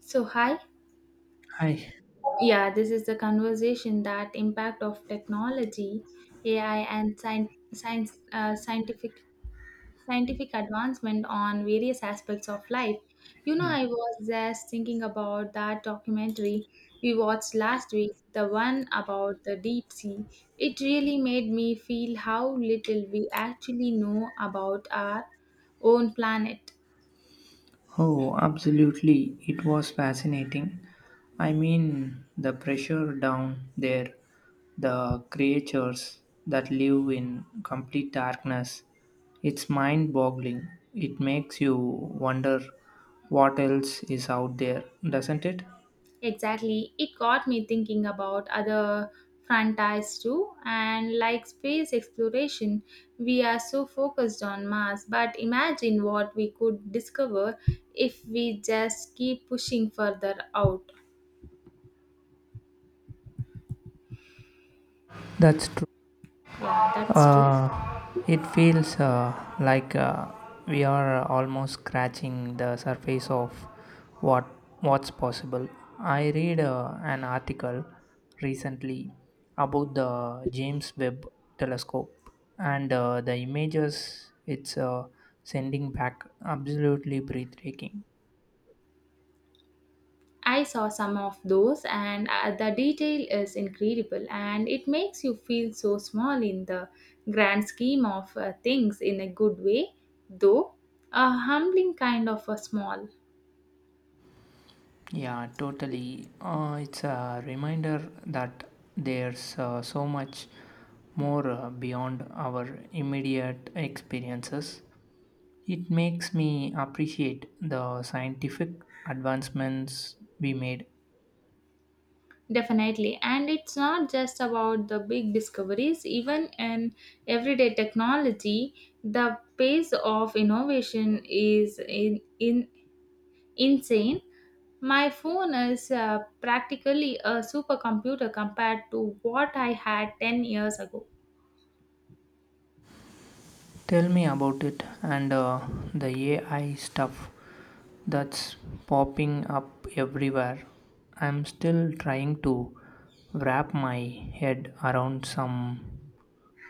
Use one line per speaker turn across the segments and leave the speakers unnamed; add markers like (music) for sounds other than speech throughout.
So hi,
Hi.
yeah, this is the conversation that impact of technology, AI, and science, science scientific scientific advancement on various aspects of life. You know, I was just thinking about that documentary we watched last week, the one about the deep sea. It really made me feel how little we actually know about our own planet.
Oh, absolutely. It was fascinating. I mean, the pressure down there, the creatures that live in complete darkness, it's mind boggling. It makes you wonder what else is out there, doesn't it?
Exactly. It got me thinking about other frontiers too, and like space exploration, we are so focused on Mars, but imagine what we could discover if we just keep pushing further out.
That's true.
Yeah, that's true.
Uh, it feels like we are almost scratching the surface of what what's possible. I read an article recently about the James Webb Telescope and the images it's sending back absolutely breathtaking.
I saw some of those, and the detail is incredible, and it makes you feel so small in the grand scheme of things in a good way, though a humbling kind of a small.
Yeah, totally. It's a reminder that there's so much more beyond our immediate experiences. It makes me appreciate the scientific advancements we made.
Definitely. And it's not just about the big discoveries, even in everyday technology, the pace of innovation is insane. My phone is practically a supercomputer compared to what I had 10 years ago.
Tell me about it and the AI stuff that's popping up everywhere. I'm still trying to wrap my head around some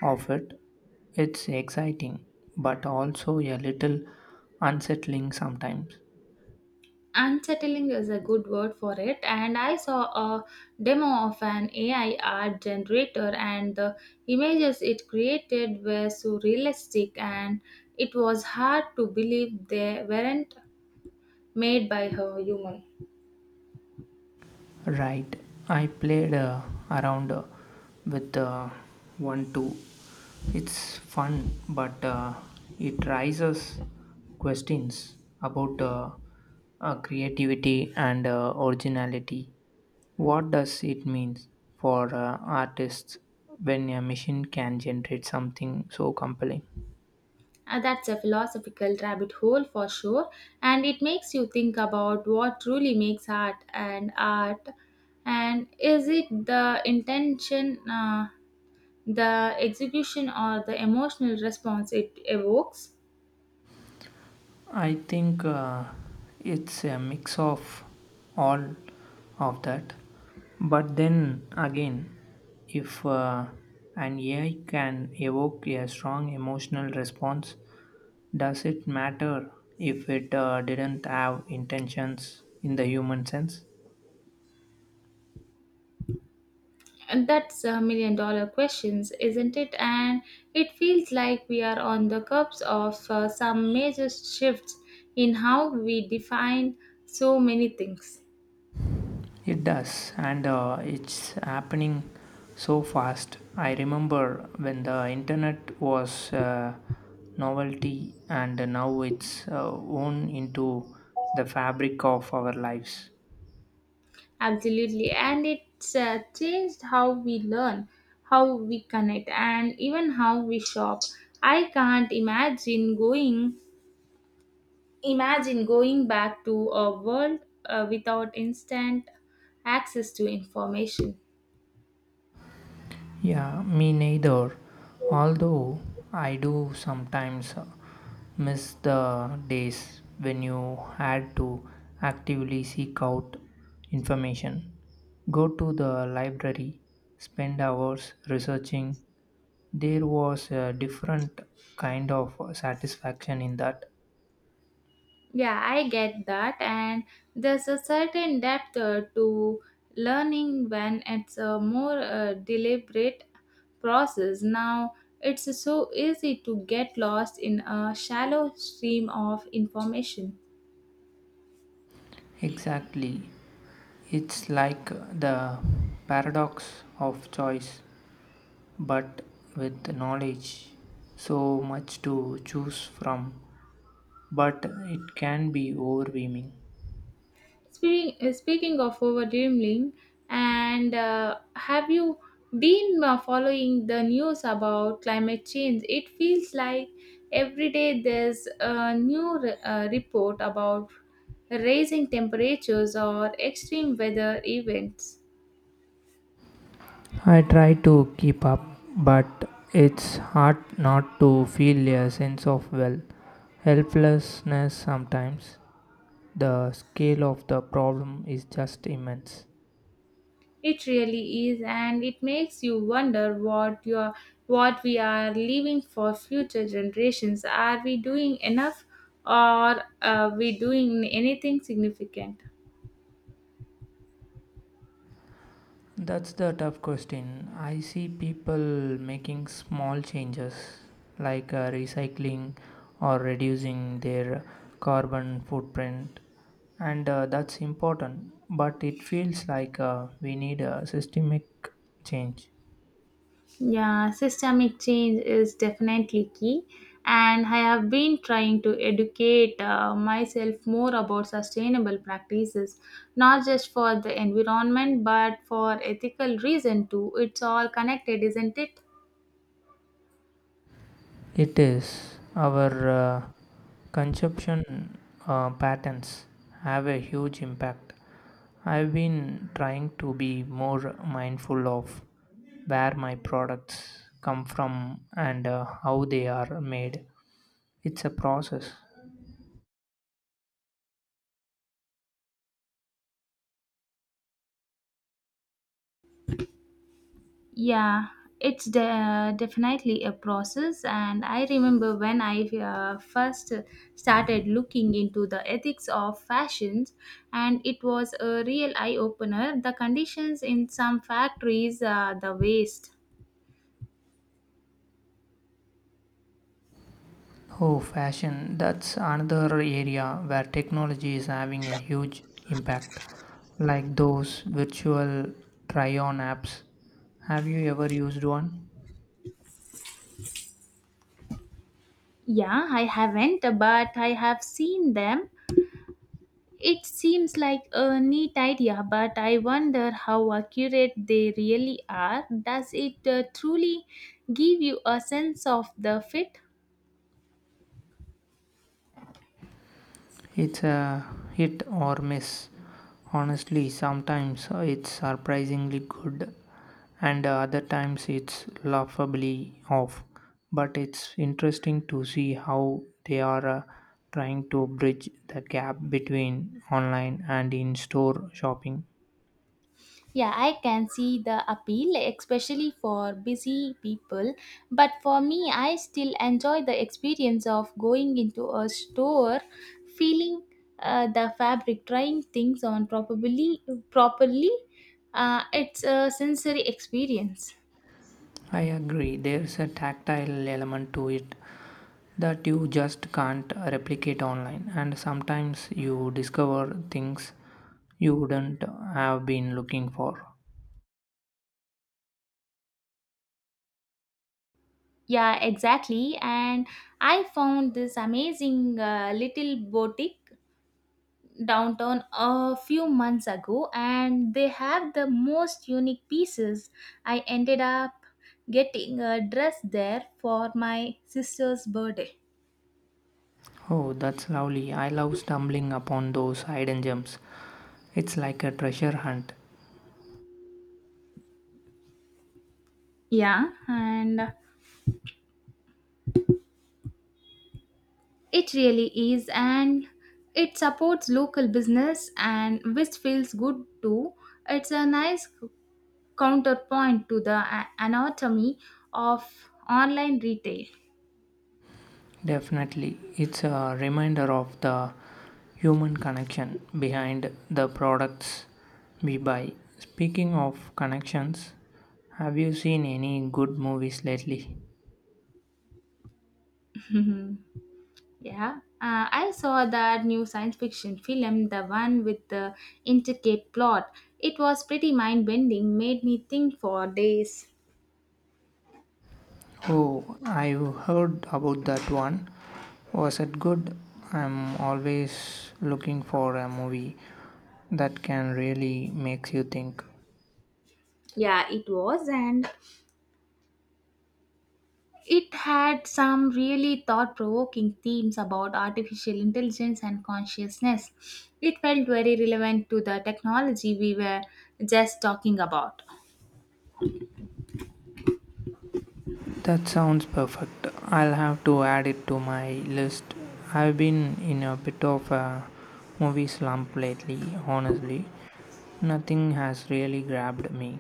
of it. It's exciting, but also a little unsettling sometimes.
Unsettling is a good word for it, and I saw a demo of an AI art generator, and the images it created were so realistic and it was hard to believe they weren't made by a human.
Right, I played around with one too. It's fun, but it raises questions about creativity and originality. What does it mean for artists when a machine can generate something so compelling?
That's a philosophical rabbit hole for sure, and it makes you think about what truly makes art and art, and is it the intention, uh, the execution, or the emotional response it evokes?
I think it's a mix of all of that. But then again, if an AI can evoke a strong emotional response, does it matter if it didn't have intentions in the human sense?
And that's a million dollar questions, isn't it? And it feels like we are on the cusp of some major shifts in how we define so many things.
It does, and it's happening so fast. I remember when the internet was a novelty, and now it's worn into the fabric of our lives.
Absolutely, and it's changed how we learn, how we connect, and even how we shop. I can't imagine going Imagine going back to a world without instant access to information.
Yeah, me neither. Although I do sometimes miss the days when you had to actively seek out information, go to the library, spend hours researching. There was a different kind of satisfaction in that.
Yeah, I get that, and there's a certain depth to learning when it's a more deliberate process. Now, it's so easy to get lost in a shallow stream of information.
Exactly. It's like the paradox of choice, but with knowledge, so much to choose from, but it can be overwhelming.
Speaking of overdoing, and have you been following the news about climate change? It feels like every day there's a new report about rising temperatures or extreme weather events.
I try to keep up, but it's hard not to feel a sense of, well, helplessness sometimes. The scale of the problem is just immense.
It really is, and it makes you wonder what we are leaving for future generations. Are we doing enough, or are we doing anything significant?
That's the tough question. I see people making small changes like recycling or reducing their carbon footprint, and that's important. But it feels like we need a systemic change.
Yeah, systemic change is definitely key, and I have been trying to educate myself more about sustainable practices, not just for the environment but for ethical reason too. It's all connected, isn't it?
It is. Our consumption patterns have a huge impact. I've been trying to be more mindful of where my products come from and how they are made. It's a process.
Yeah, definitely a process, and I remember when I first started looking into the ethics of fashions, and it was a real eye opener. The conditions in some factories, the waste.
Oh, fashion. That's another area where technology is having a huge impact, like those virtual try on apps. Have you ever used one?
Yeah, I haven't, but I have seen them. It seems like a neat idea, but I wonder how accurate they really are. Does it truly give you a sense of the fit?
It's a hit or miss. Honestly, sometimes it's surprisingly good, and other times it's laughably off. But it's interesting to see how they are trying to bridge the gap between online and in store shopping.
Yeah, I can see the appeal, especially for busy people. But for me, I still enjoy the experience of going into a store, feeling the fabric, trying things on probably properly. It's a sensory experience.
I agree, there's a tactile element to it that you just can't replicate online, and sometimes you discover things you wouldn't have been looking for.
Yeah, exactly. And I found this amazing little boutique downtown a few months ago, and they have the most unique pieces. I ended up getting a dress there for my sister's birthday.
Oh, that's lovely. I love stumbling upon those hidden gems. It's like a treasure hunt.
Yeah, and it really is, and it supports local business, and which feels good too. It's a nice counterpoint to the anatomy of online retail.
Definitely, it's a reminder of the human connection behind the products we buy. Speaking of connections, have you seen any good movies lately?
(laughs) Yeah, I saw that new science fiction film, the one with the intricate plot. It was pretty mind bending, made me think for days.
Oh, I've heard about that one. Was it good? I'm always looking for a movie that can really make you think.
Yeah, it was, and it had some really thought provoking themes about artificial intelligence and consciousness. It felt very relevant to the technology we were just talking about.
That sounds perfect. I'll have to add it to my list. I've been in a bit of a movie slump lately, honestly. Nothing has really grabbed me.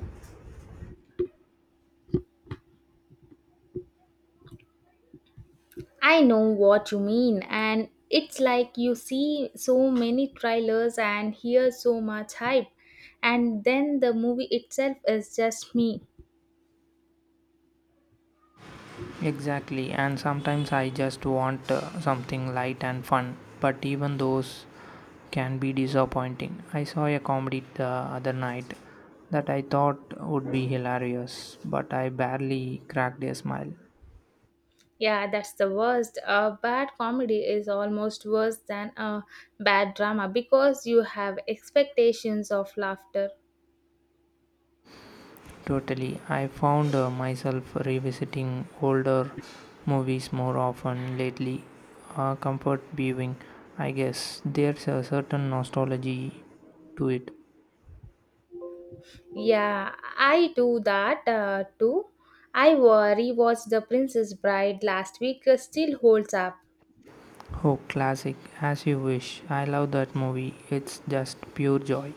I know what you mean, and it's like you see so many trailers and hear so much hype, and then the movie itself is just me.
Exactly, and sometimes I just want something light and fun, but even those can be disappointing. I saw a comedy the other night that I thought would be hilarious, but I barely cracked a smile.
Yeah, that's the worst. A bad comedy is almost worse than a bad drama because you have expectations of laughter.
Totally, I found myself revisiting older movies more often lately. Comfort viewing, I guess. There's a certain nostalgia to it.
Yeah, I do that too. Rewatched The Princess Bride last week, still holds up.
Oh, classic, as you wish. I love that movie. It's just pure joy.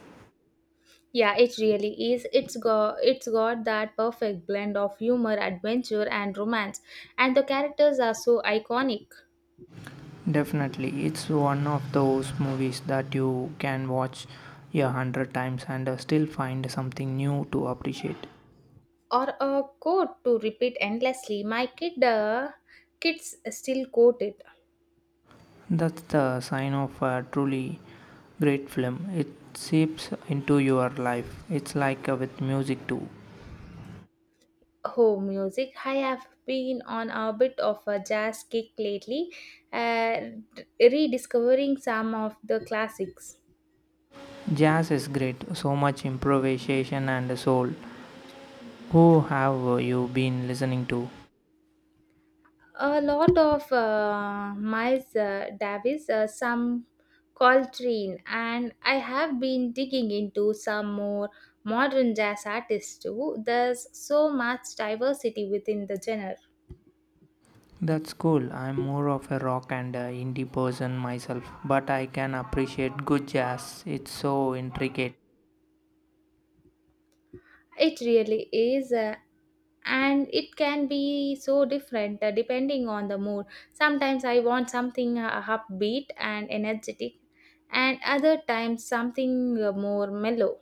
Yeah, it really is. It's got that perfect blend of humor, adventure, and romance, and the characters are so iconic.
Definitely, it's one of those movies that you can watch 100 times and still find something new to appreciate.
Or a quote to repeat endlessly. My kids still quote it.
That's the sign of a truly great film. It seeps into your life. It's like with music too.
Oh, music! I have been on a bit of a jazz kick lately, uh, rediscovering some of the classics.
Jazz is great, so much improvisation and soul. Who have you been listening to?
A lot of Miles Davis, some Coltrane, and I have been digging into some more modern jazz artists too. There's so much diversity within the genre.
That's cool. I'm more of a rock and indie person myself, but I can appreciate good jazz. It's so intricate.
It really is, and it can be so different depending on the mood. Sometimes I want something upbeat and energetic, and other times something more mellow.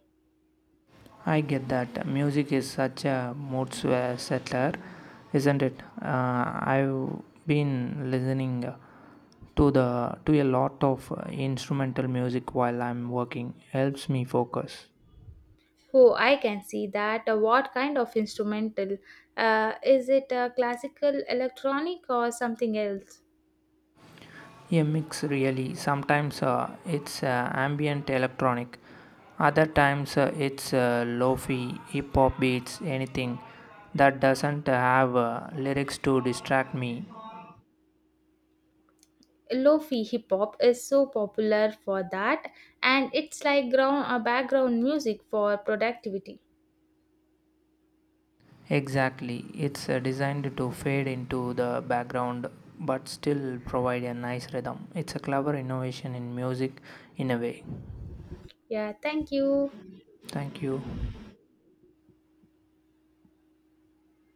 I get that. Music is such a mood swa- settler, isn't it? I've been listening to a lot of instrumental music while I'm working. Helps me focus.
Oh, I can see that. What kind of instrumental? Is it classical, electronic, or something else?
A mix really. Sometimes it's ambient electronic. Other times it's lofi, hip hop beats, anything that doesn't have lyrics to distract me.
Lofi hip hop is so popular for that, and it's like ground background music for productivity.
Exactly, it's designed to fade into the background but still provide a nice rhythm. It's a clever innovation in music in a way.
Yeah, thank you.
Thank you.